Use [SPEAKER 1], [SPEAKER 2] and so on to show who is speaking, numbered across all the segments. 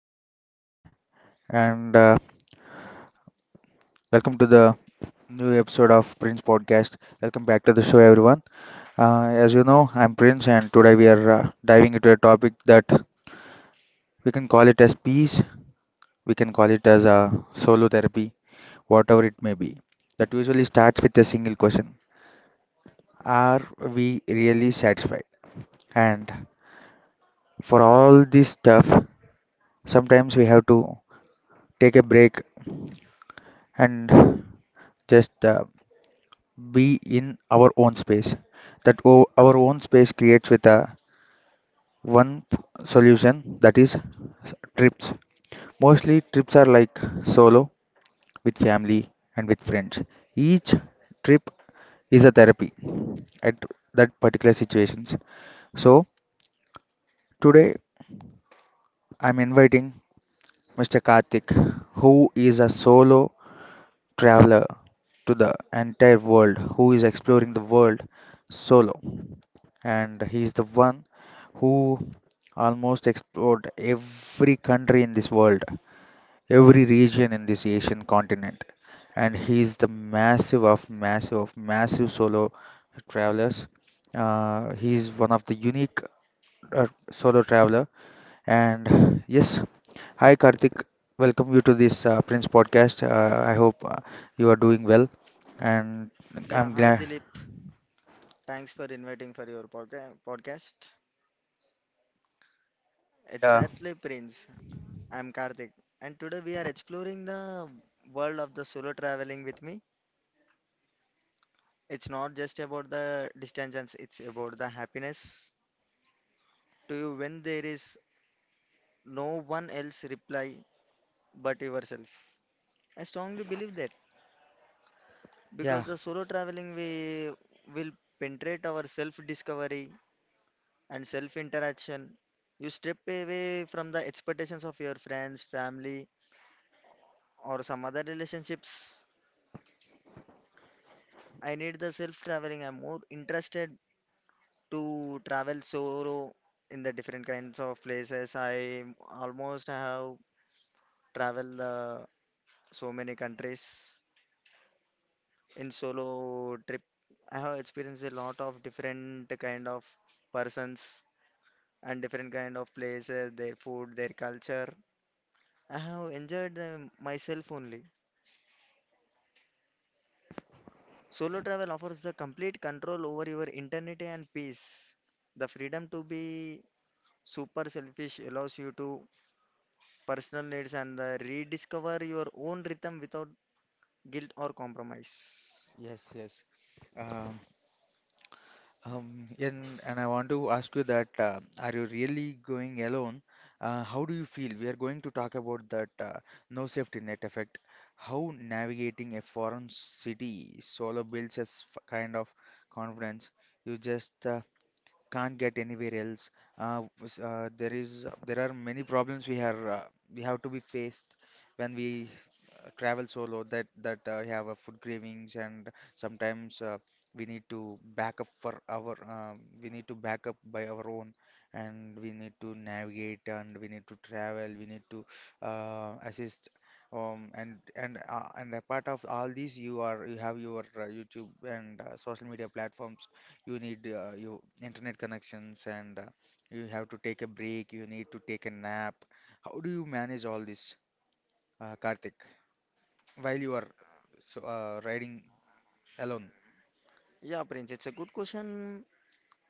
[SPEAKER 1] Prince Podcast, and welcome to the new episode of Prince Podcast. Welcome back to the show, everyone. As you know, I'm Prince, and today we are diving into a topic that we can call it as peace, we can call it as solo therapy, whatever it may be. That usually starts with a single question. Are we really satisfied? And for all this stuff, sometimes we have to take a break and just be in our own space. That our own space creates with a one p- solution, that is trips. Mostly trips are like solo, with family, and with friends. Each trip is a therapy at that particular situations. So today I'm inviting Mr. Karthik, who is a solo traveler to the entire world, who is exploring the world solo. And he's the one who almost explored every country in this world, every region in this Asian continent. And he's the massive of massive of massive solo travelers. He's one of the unique solo traveler. And yes, hi Karthik, welcome you to this Prince podcast. I hope you are doing well, and
[SPEAKER 2] Yeah,
[SPEAKER 1] I'm
[SPEAKER 2] hi
[SPEAKER 1] glad.
[SPEAKER 2] Dilip. Thanks for inviting for your podcast.
[SPEAKER 1] Yeah,
[SPEAKER 2] Exactly, Prince. I'm Karthik, and today we are exploring the world of the solo traveling with me. It's not just about the distances, it's about the happiness to you when there is no one else reply but yourself. I strongly believe that because
[SPEAKER 1] yeah,
[SPEAKER 2] the solo traveling we will penetrate our self-discovery and self-interaction. You step away from the expectations of your friends, family, or some other relationships. I need the self traveling. I'm more interested to travel solo in the different kinds of places. I almost have traveled so many countries in solo trip. I have experienced a lot of different kind of persons and different kind of places, their food, their culture. I have enjoyed them myself only. Solo travel offers the complete control over your internity and peace. The freedom to be super selfish allows you to personal needs and rediscover your own rhythm without guilt or compromise.
[SPEAKER 1] yes, yes. Um, and I want to ask you that are you really going alone? How do you feel? We are going to talk about that no safety net effect. How navigating a foreign city solo builds a kind of confidence. You just can't get anywhere else. There are many problems we are we have to be faced when we travel solo, that that we have food cravings and sometimes we need to back up for our we need to back up by our own, and we need to navigate, and we need to travel, we need to assist. And apart of all these, you have your YouTube and social media platforms, you need your internet connections, and you have to take a break, you need to take a nap. How do you manage all this, Karthik, while you are riding alone?
[SPEAKER 2] Yeah, Prince, it's a good question.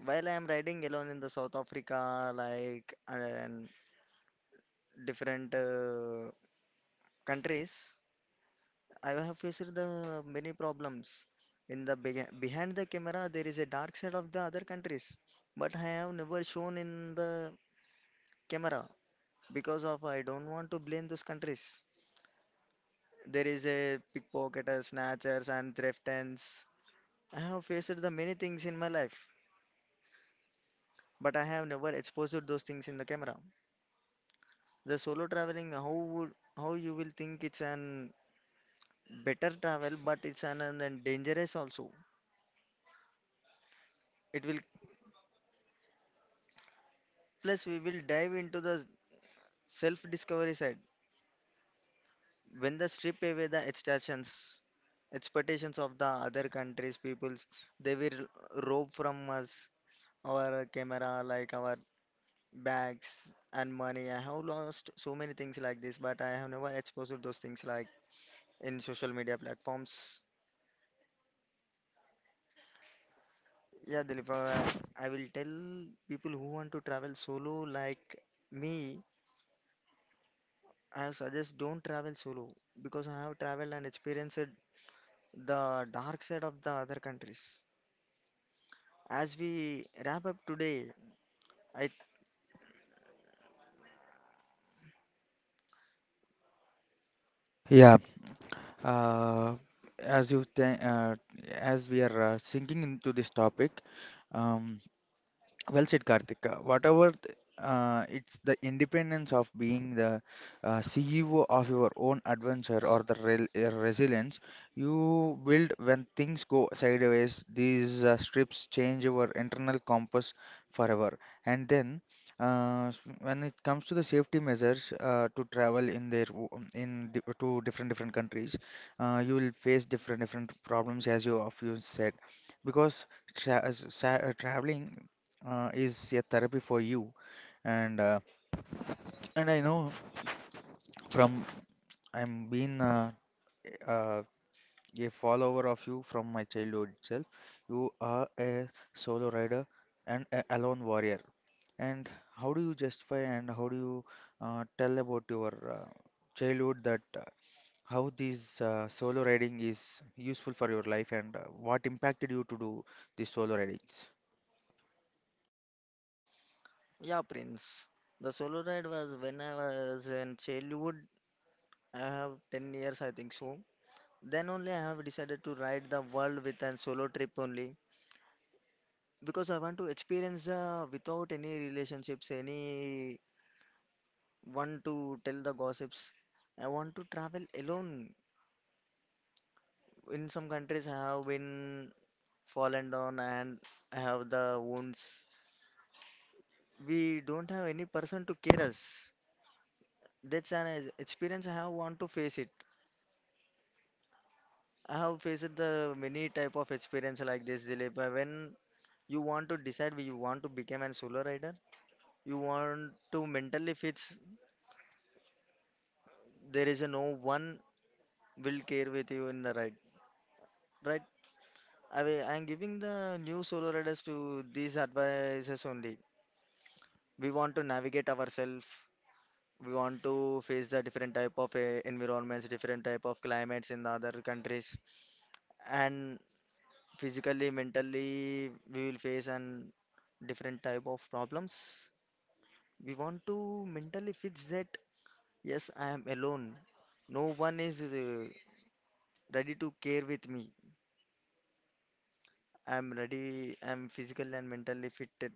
[SPEAKER 2] While I am riding alone in the South Africa, like, and different countries, I have faced the many problems. In the behind the camera, there is a dark side of the other countries, but I have never shown in the camera because of I don't want to blame those countries. There is a pickpocketers, snatchers, and threatens. I have faced the many things in my life, but I have never exposed those things in the camera. The solo traveling, how would how you will think it's an better travel, but it's an dangerous also. It will plus we will dive into the self-discovery side, when they strip away the extractions, expectations of the other countries, peoples, they will rob from us our camera, like our bags and money. I have lost so many things like this, but I have never exposed to those things like in social media platforms. Yeah, therefore I will tell people who want to travel solo like me. I suggest don't travel solo because I have traveled and experienced the dark side of the other countries. As we wrap up today, I
[SPEAKER 1] Yeah, uh, as you th as we are sinking into this topic. Um, well said, Karthik. It's the independence of being the CEO of your own adventure, or the rel resilience you build when things go sideways. These strips change your internal compass forever. And then, when it comes to the safety measures to travel in their w- in di to different different countries, you will face different different problems as you said, because traveling is a therapy for you. And uh, and I know, from I'm been uh, a follower of you from my childhood itself. You are a solo rider and a alone warrior. And how do you justify and how do you tell about your childhood, that how this solo riding is useful for your life, and what impacted you to do these solo ridings?
[SPEAKER 2] yeah, Prince. The solo ride was when I was in childhood. I have 10 years, I think so. Then only I have decided to ride the world with a solo trip only because I want to experience the without any relationships, any one to tell the gossips. I want to travel alone. In some countries, I have been fallen down and I have the wounds. We don't have any person to care us. That's an experience I have want to face it. I have faced the many type of experience like this, Dilip. When you want to decide you want to become an solo rider, you want to mentally fix there is a no one will care with you in the ride. Right? I am giving the new solo riders to these advices only. We want to navigate ourselves. We want to face the different type of environments, different type of climates in the other countries, and physically mentally we will face an different type of problems. We want to mentally fix that yes, I am alone. No one is ready to care with me. I am ready. I am physical and mentally fitted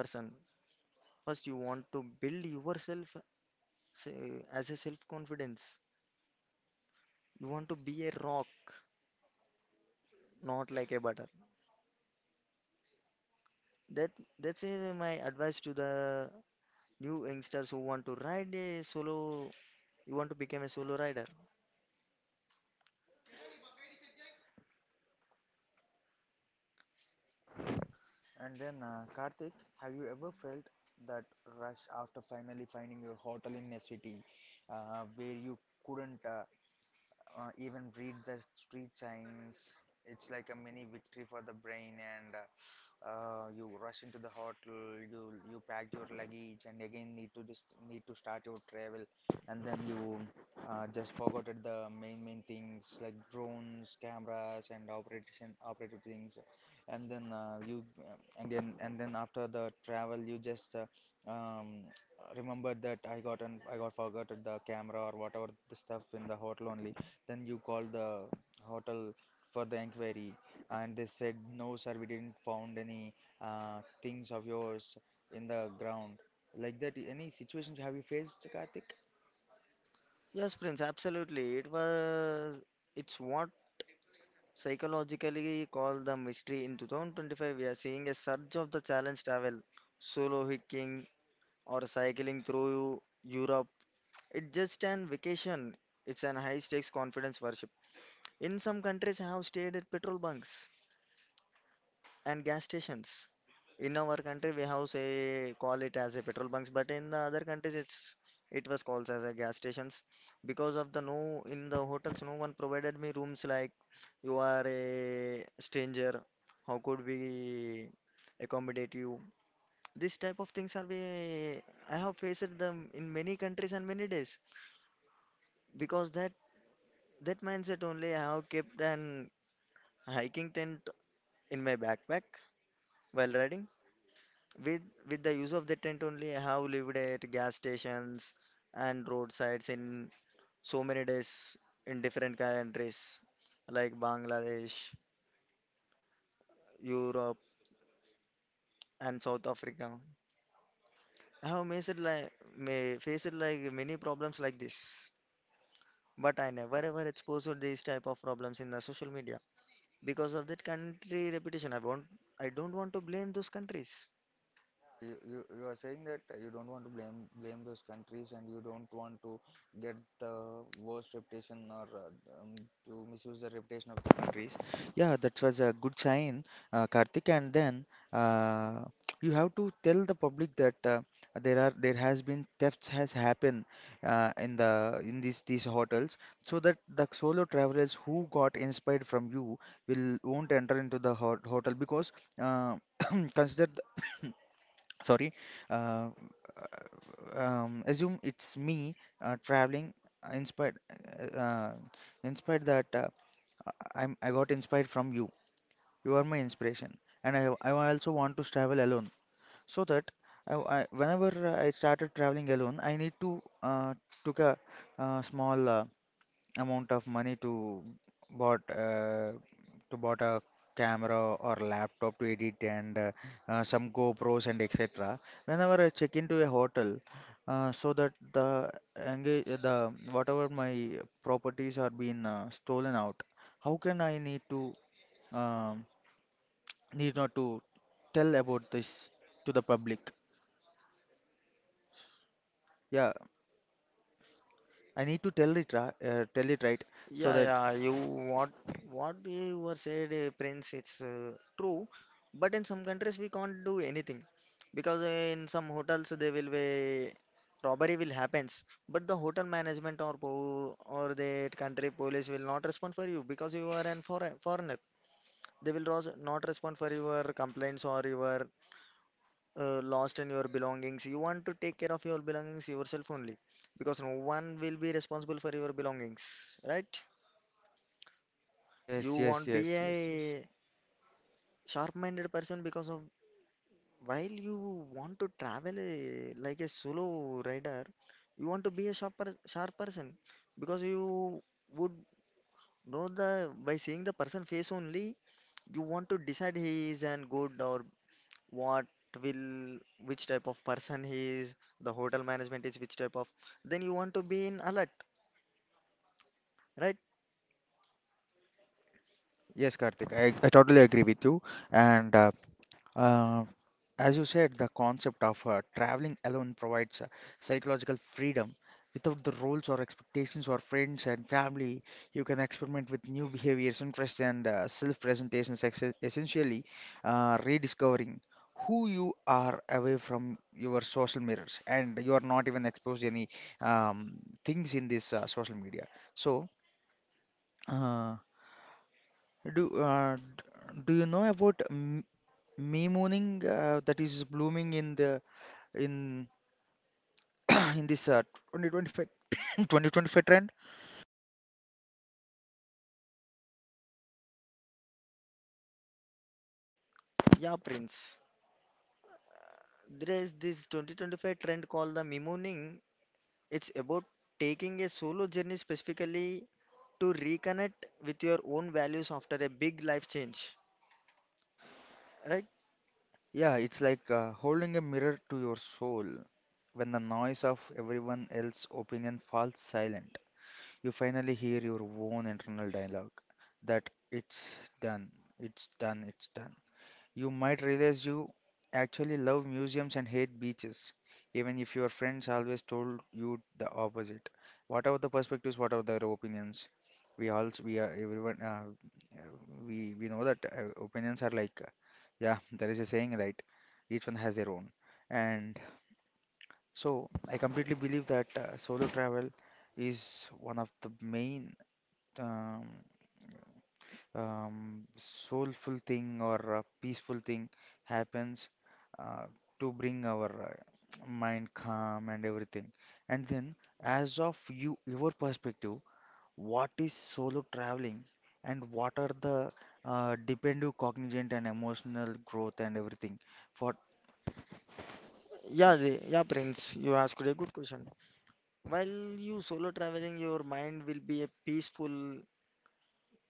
[SPEAKER 2] person. First you want to build yourself, say, as a self confidence. You want to be a rock, not like a butter. That that's uh, my advice to the new youngsters who want to ride a solo. You want to become a solo rider.
[SPEAKER 1] And then, Karthik, have you ever felt that rush after finally finding your hotel in a city where you couldn't even read the street signs? It's like a mini victory for the brain, and you rush into the hotel, you you pack your luggage and again need to just need to start your travel, and then you just forgotten the main main things like drones, cameras, and operation operative things. And then you and then after the travel you just um, remember that I got forgotten the camera or whatever the stuff in the hotel only. Then you call the hotel for the inquiry, and they said, no sir, we didn't found any things of yours in the ground. Like that, any situations have you faced, Karthik?
[SPEAKER 2] Yes, Prince, absolutely. It was, it's what psychologically called the mystery. In 2025, we are seeing a surge of the challenge travel, solo hiking or cycling through Europe. It's just an vacation. It's an high-stakes confidence worship. In some countries, I have stayed at petrol bunks and gas stations. In our country, we have say call it as a petrol bunks, but in the other countries, it's it was called as a gas stations because of the no in the hotels, no one provided me rooms like you are a stranger. How could we accommodate you? This type of things are we I have faced them in many countries and many days because that that mindset only I have kept an hiking tent in my backpack while riding. With with the use of the tent only, I have lived at gas stations and roadsides in so many days in different countries like Bangladesh, Europe, and South Africa. I have faced like may faced like many problems like this, but I never ever exposed these type of problems in the social media because of that country reputation. I want I don't want to blame those countries.
[SPEAKER 1] Yeah, you are saying that you don't want to blame those countries, and you don't want to get the worst reputation, or um, to misuse the reputation of the countries. Yeah, that was a good sign, Karthik. And then uh, you have to tell the public that there has been thefts has happened in these hotels, so that the solo travelers who got inspired from you will won't enter into the hotel, because uh, consider. The sorry uh, assume it's me traveling uh, inspired uh, uh, inspired, that I'm, I got inspired from you, you are my inspiration, and I also want to travel alone. So that whenever I started traveling alone, I need to took a small amount of money to bought uh, bought a camera or laptop to edit, and some GoPros and etc. Whenever I check into a hotel, so that the engage, the whatever my properties are being stolen out, how can I need to um, need not to tell about this to the public? Yeah, I need to tell it ra tell it right, so
[SPEAKER 2] Yeah,
[SPEAKER 1] that.
[SPEAKER 2] yeah, you what what you were said, Prince, it's true. But in some countries we can't do anything because in some hotels they will be robbery will happens, but the hotel management or po or the country police will not respond for you because you are an foreign foreigner. They will not respond for your complaints or your lost in your belongings. You want to take care of your belongings yourself only because no one will be responsible for your belongings, right?
[SPEAKER 1] Yes,
[SPEAKER 2] You
[SPEAKER 1] yes,
[SPEAKER 2] won't
[SPEAKER 1] yes,
[SPEAKER 2] be
[SPEAKER 1] yes, yes.
[SPEAKER 2] a sharp-minded person because of while you want to travel a, like a solo rider, you want to be a sharp person because you would know the by seeing the person face only, you want to decide he is an good or what will which type of person he is, the hotel management is which type of. Then you want to be in alert, right?
[SPEAKER 1] Yes, Karthik, I totally agree with you. And uh, as you said, the concept of traveling alone provides psychological freedom. Without the rules or expectations or friends and family, you can experiment with new behaviors, interests, and self-presentations, essentially rediscovering who you are away from your social mirrors. And you are not even exposed to any um, things in this social media. So, uh, do you know about me mooning that is blooming in the in in this uh, 2025 2025 trend?
[SPEAKER 2] Yeah, Prince. There is this 2025 trend called the mimooning. It's about taking a solo journey specifically to reconnect with your own values after a big life change, right?
[SPEAKER 1] Yeah, it's like holding a mirror to your soul. When the noise of everyone else's opinion falls silent, you finally hear your own internal dialogue, that it's done, it's done, it's done. You might realize you actually love museums and hate beaches, even if your friends always told you the opposite. Whatever the perspectives? Whatever the opinions? We are everyone we know that opinions are like yeah, there is a saying, right? Each one has their own. And so I completely believe that solo travel is one of the main um, soulful thing or a peaceful thing happens uh, to bring our mind calm and everything. And then, as of you, your perspective, what is solo traveling, and what are the dependent cognizant and emotional growth and everything? For
[SPEAKER 2] Yeah, Prince, you asked a good question. While you solo traveling, your mind will be a peaceful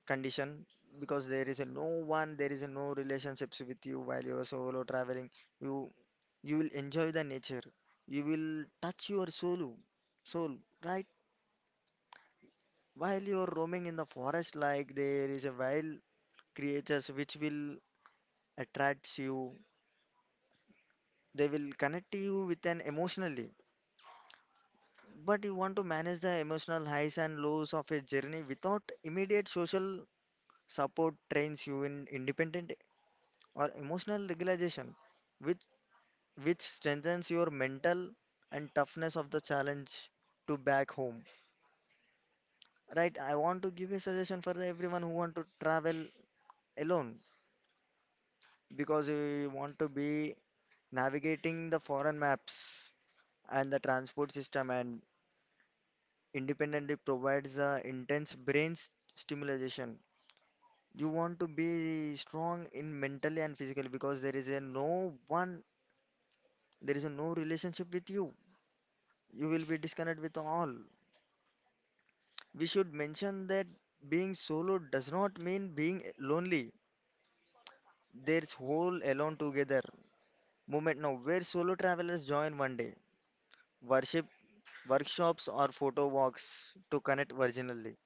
[SPEAKER 2] condition because there is a no one, there is a no relationships with you while you are solo traveling. You you will enjoy the nature. You will touch your soul, right? While you are roaming in the forest, like there is a wild creatures which will attract you. They will connect you with an emotionally. But you want to manage the emotional highs and lows of a journey without immediate social support trains you in independent or emotional regulation, which which strengthens your mental and toughness of the challenge to back home. Right, I want to give a suggestion for the everyone who want to travel alone because you want to be navigating the foreign maps and the transport system and independently provides a intense brain stimulation. You want to be strong in mentally and physically because there is a no one, there is a no relationship with you. You will be disconnected with all. We should mention that being solo does not mean being lonely. There's whole alone together movement now where solo travelers join one day, worship workshops or photo walks to connect virginally.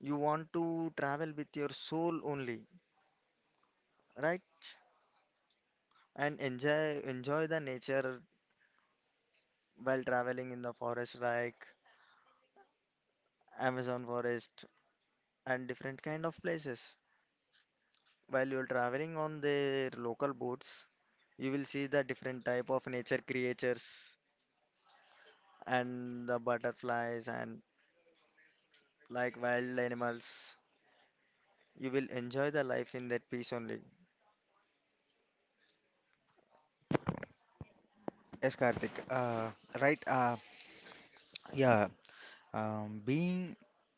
[SPEAKER 2] You want to travel with your soul only, right? And enjoy the nature while traveling in the forest like Amazon forest and different kind of places. While you're traveling on their local boats, you will see the different type of nature creatures and the butterflies and like wild animals. You will enjoy the life in that peace only.
[SPEAKER 1] yes, Karthik, right? Yeah, being,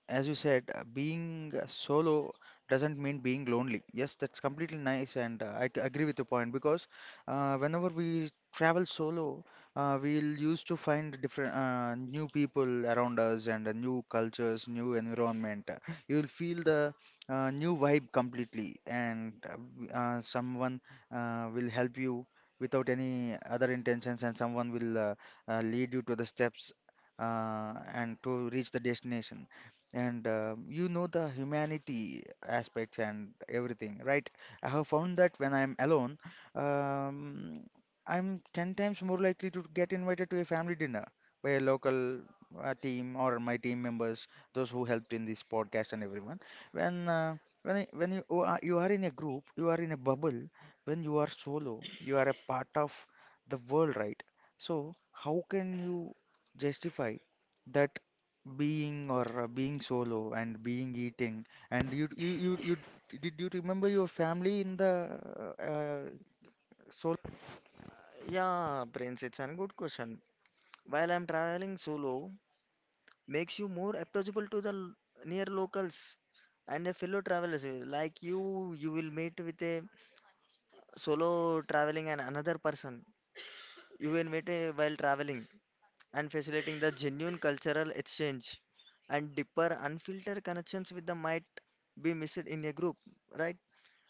[SPEAKER 1] as you said, being solo doesn't mean being lonely. Yes, that's completely nice, and agree with your point, because whenever we travel solo, we'll used to find different new people around us and new cultures, new environment. You'll feel the new vibe completely, and someone will help you without any other intentions, and someone will lead you to the steps and to reach the destination. And um, you know the humanity aspects and everything, right? I have found that when I'm alone, um, I'm 10 times more likely to get invited to a family dinner by a local team, or my team members, those who helped in this podcast and everyone. When uh, when you are in a group, you are in a bubble. When you are solo, you are a part of the world, right? So how can you justify that? Being, or being solo and being eating, and you did you remember your family in the uh, solo?
[SPEAKER 2] Yeah, Prince, it's a good question. While I'm traveling solo, makes you more approachable to the near locals and a fellow travelers. Like you will meet with a solo traveling and another person. You will meet while traveling and facilitating the genuine cultural exchange and deeper unfiltered connections with the might be missed in a group, right?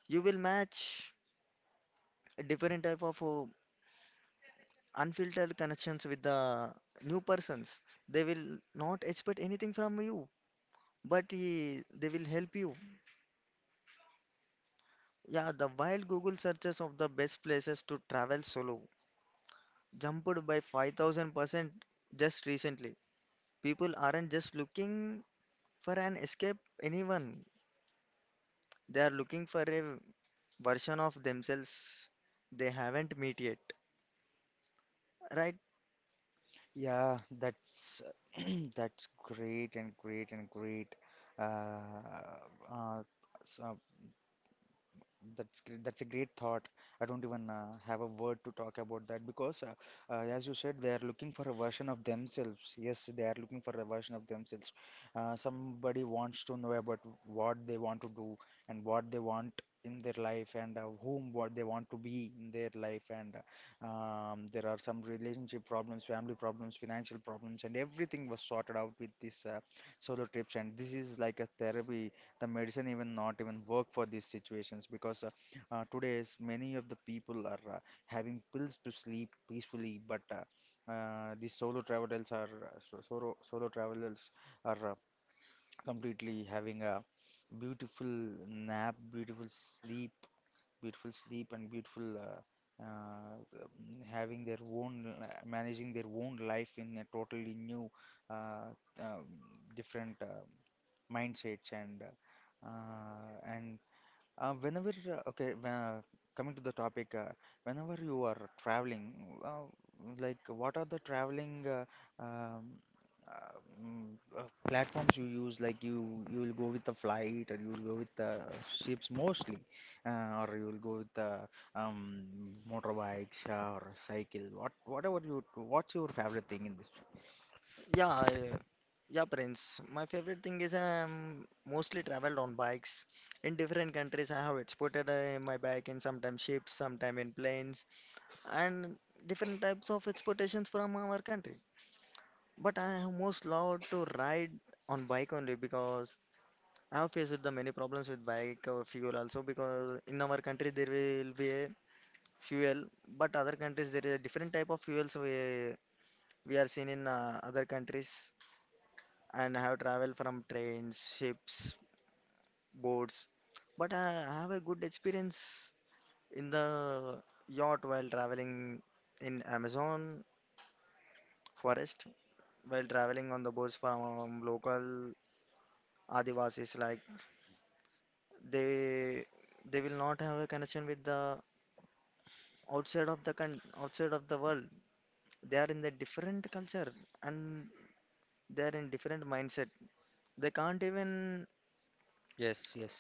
[SPEAKER 2] You will match a different type of unfiltered connections with the new persons. They will not expect anything from you, but they will help you. Yeah, the wild Google searches of the best places to travel solo jumped by 5000% just recently. People aren't just looking for an escape anyone, they are looking for a version of themselves they haven't met yet. Right?
[SPEAKER 1] Yeah, that's that's great and great and great. Uh, uh, s- uh, That's that's a great thought. I don't even have a word to talk about that, because, as you said, they are looking for a version of themselves. Yes, they are looking for a version of themselves. Somebody wants to know about what they want to do, and what they want in their life, and whom what they want to be in their life. And There are some relationship problems, family problems, financial problems, and everything was sorted out with this solo trips. And this is like a therapy. The medicine even not even work for these situations because today's many of the people are having pills to sleep peacefully, but these solo travelers are solo travelers are completely having a beautiful nap, beautiful sleep, beautiful sleep, and beautiful having their own managing their own life in a totally new uh, um, different mindsets. And Whenever coming to the topic, whenever you are traveling, uh, like what are the traveling um, uh, mm, platforms you use? Like you will go with the flight, or you will go with the ships mostly, or you will go with the motorbikes or cycle, what's your favorite thing in this?
[SPEAKER 2] Yeah, I- yeah, Prince. My favorite thing is I'm mostly traveled on bikes. In different countries, I have exported my bike in sometimes ships, sometimes in planes, and different types of exportations from our country. But I have most loved to ride on bike only because I have faced the many problems with bike fuel also because in our country there will be a fuel, but other countries there is a different type of fuels we are seen in other countries and I have traveled from trains, ships, boats. But I have a good experience in the yacht while traveling in Amazon forest, while traveling on the boats from local Adivasis. Like they they will not have a connection with the outside of the world. They are in the different culture and they are in different mindset. They can't even
[SPEAKER 1] Yes, yes.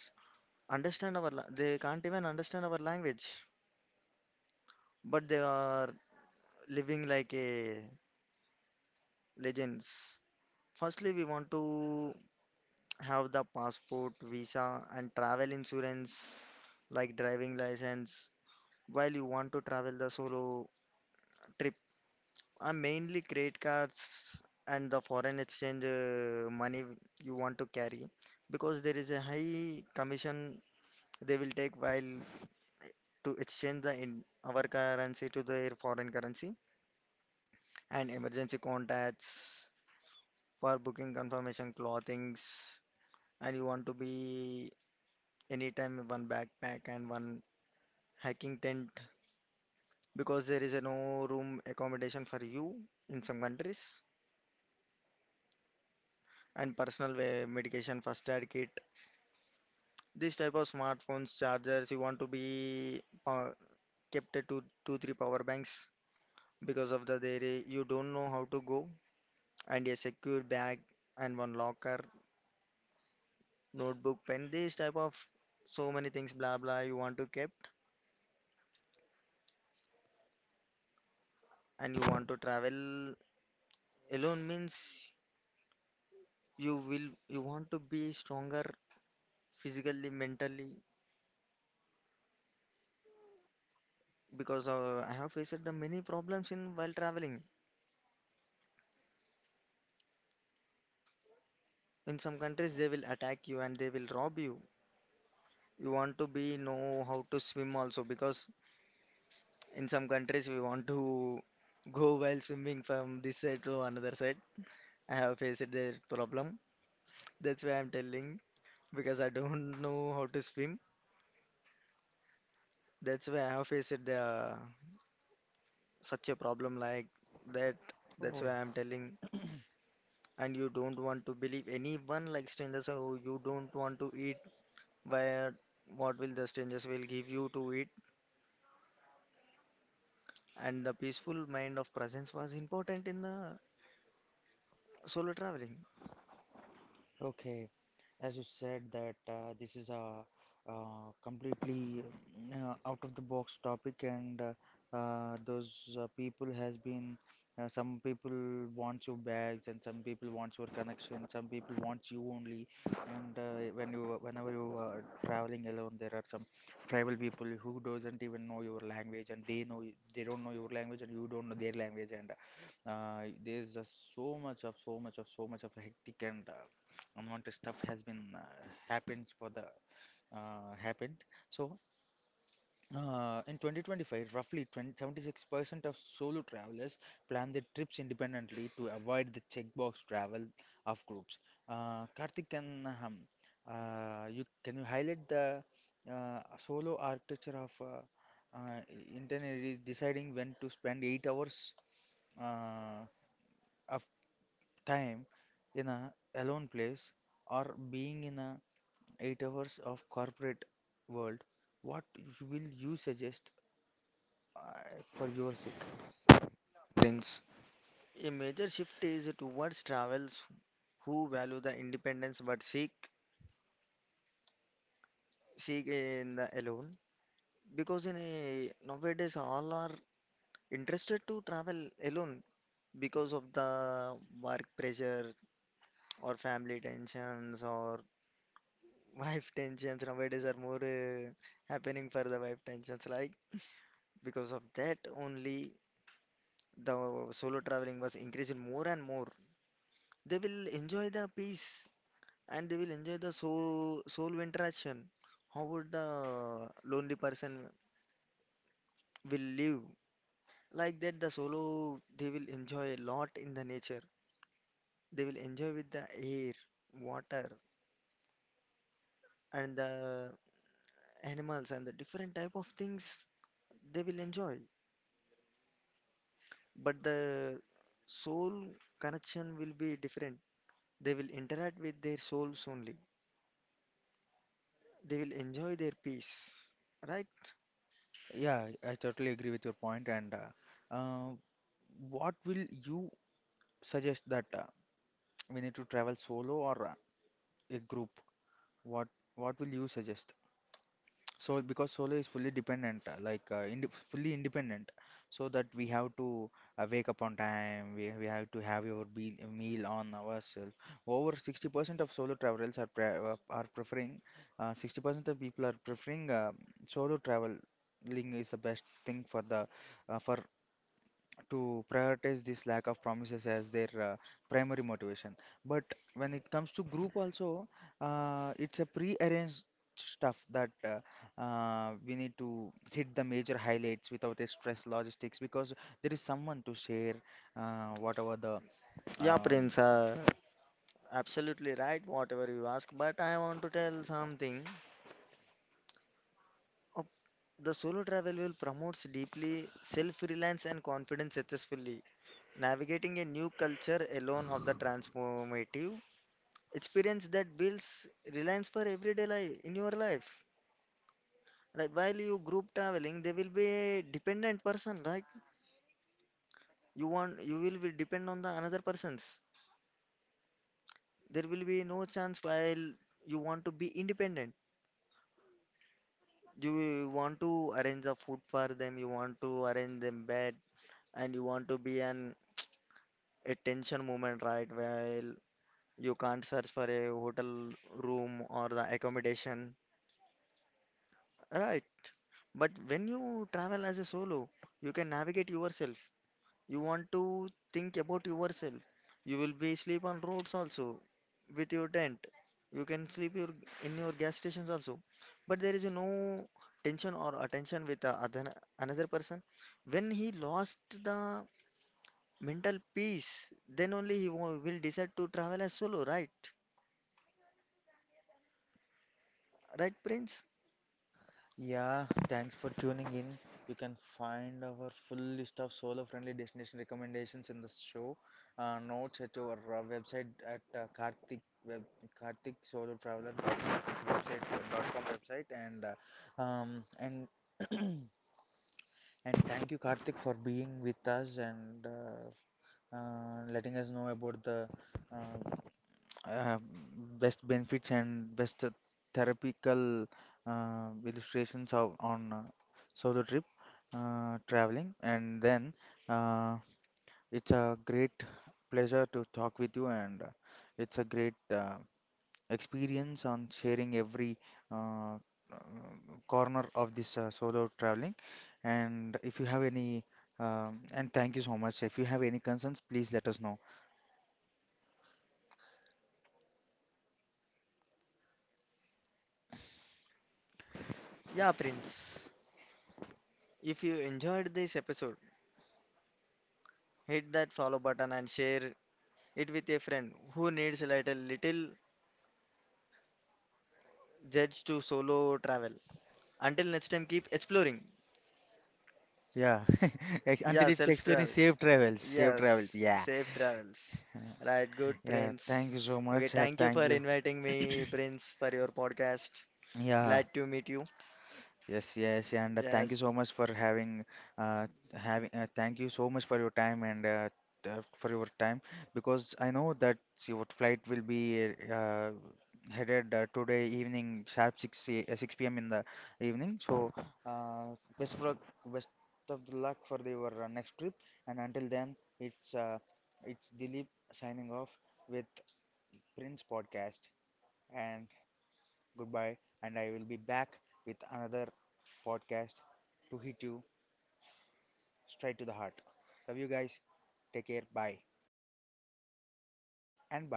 [SPEAKER 2] understand they can't even understand our language, but they are living like a legends. Firstly, we want to have the passport, visa, and travel insurance like driving license while you want to travel the solo trip. Mainly credit cards and the foreign exchange money you want to carry because there is a high commission they will take while to exchange the in our currency to their foreign currency, and emergency contacts for booking confirmation, clothings, and you want to be anytime one backpack and one hiking tent because there is a no room accommodation for you in some countries, and personal medication, first aid kit. This type of smartphones, chargers you want to be kept at two, two, three power banks because of the there I- you don't know how to go, and a secure bag and one locker, notebook, pen. This type of so many things, blah blah, you want to kept. And you want to travel alone means you want to be stronger physically, mentally, because I have faced the many problems in while traveling. In some countries they will attack you and they will rob you. You want to be know how to swim also, because in some countries we want to go while swimming from this side to another side. I have faced that problem. That's why I'm telling, because I don't know how to swim. That's why I have faced the such a problem like that.
[SPEAKER 1] Oh.
[SPEAKER 2] That's why I'm telling. And you don't want to believe anyone like strangers. So you don't want to eat where what will the strangers will give you to eat. And the peaceful mind of presence was important in the solo traveling.
[SPEAKER 1] Okay, as you said that this is a completely out of the box topic, and those people has been some people want your bags, and some people want your connection, some people want you only. And whenever you are traveling alone, there are some tribal people who doesn't even know your language, and they don't know your language, and you don't know their language, and there's just so much of hectic and unwanted stuff has been happens for the happened. So in 2025, roughly 20, 76% of solo travelers plan their trips independently to avoid the checkbox travel of groups. Karthik, can you highlight the solo architecture of uh, internally deciding when to spend 8 hours uh, of time in a alone place, or being in a 8 hours of corporate world? What will you suggest for your sake?
[SPEAKER 2] Prince. A major shift is towards travels who value the independence but seek in the alone, because in a nowadays all are interested to travel alone because of the work pressure or family tensions or wife tensions nowadays are more happening for the wife tensions. Like because of that only, the solo traveling was increasing more and more. They will enjoy the peace and they will enjoy the soul interaction. How would the lonely person will live? Like that, the solo, they will enjoy a lot in the nature. They will enjoy with the air, water, and the animals and the different type of things they will enjoy. But the soul connection will be different. They will interact with their souls only. They will enjoy their peace, right?
[SPEAKER 1] Yeah, I totally agree with your point. And what will you suggest that we need to travel solo or a group? What what will you suggest? So because solar is fully dependent, like ind fully independent, so that we have to wake up on time. We have to have your be meal on ourselves. Over 60% of solo travelers are pre are preferring, 60% of people are preferring solo traveling is the best thing for the for to prioritize this lack of promises as their primary motivation. But when it comes to group also, it's a pre-arranged stuff that we need to hit the major highlights without a stress logistics, because there is someone to share whatever the
[SPEAKER 2] Yeah,
[SPEAKER 1] um,
[SPEAKER 2] Prince. Absolutely right, whatever you ask. But I want to tell something. Of- The solo travel will promotes deeply self-reliance and confidence successfully, navigating a new culture alone of the transformative experience that builds reliance for everyday life in your life. Right, while you group traveling, there will be a dependent person, right? You will be depend on the another persons. There will be no chance while you want to be independent. You want to arrange the food for them, you want to arrange them bed, and you want to be an attention moment, right? While you can't search for a hotel room or the accommodation, right? But when you travel as a solo, you can navigate yourself. You want to think about yourself. You will be sleep on roads also with your tent. You can sleep your in your gas stations also. But there is no tension or attention with the other another person. When he lost the mental peace, then only he will decide to travel as solo, right? Right, Prince?
[SPEAKER 1] Yeah, thanks for tuning in. You can find our full list of solo friendly destination recommendations in the show notes at our website at Karthik web Karthik Solo Traveler dot website dot com website. And and thank you, Karthik, for being with us, and letting us know about the uh, uh, best benefits and best therapeutical illustrations of on solo trip traveling. And then uh, it's a great pleasure to talk with you, and it's a great experience on sharing every uh, uh, corner of this solo traveling. And if you have any and thank you so much. If you have any concerns, please let us know.
[SPEAKER 2] Yeah, Prince. If you enjoyed this episode, hit that follow button and share it with a friend who needs a little, little judge to solo travel. Until next time, keep exploring.
[SPEAKER 1] Yeah, Ex- until it's
[SPEAKER 2] Yeah, self
[SPEAKER 1] explaining
[SPEAKER 2] travel.
[SPEAKER 1] safe travels, safe travels.
[SPEAKER 2] Yes,
[SPEAKER 1] Yeah,
[SPEAKER 2] safe travels. Right, good,
[SPEAKER 1] yeah. Thank you
[SPEAKER 2] Prince.
[SPEAKER 1] so much. Yeah,
[SPEAKER 2] Okay, thank
[SPEAKER 1] thank
[SPEAKER 2] you
[SPEAKER 1] you.
[SPEAKER 2] for inviting me, Prince, for your podcast.
[SPEAKER 1] Yeah.
[SPEAKER 2] Glad to meet you.
[SPEAKER 1] Yes, yes, and thank you so
[SPEAKER 2] Yes,
[SPEAKER 1] much for uh, having. Thank you so much for your time, and for your time because I know that your flight will be headed today evening sharp 6 p.m. in the evening. So uh, best of luck, best of the luck for your next trip. And until then, it's Dilip signing off with Prince Podcast, and goodbye. And I will be back with another podcast to hit you straight to the heart. Love you guys. Take care. Bye. And bye.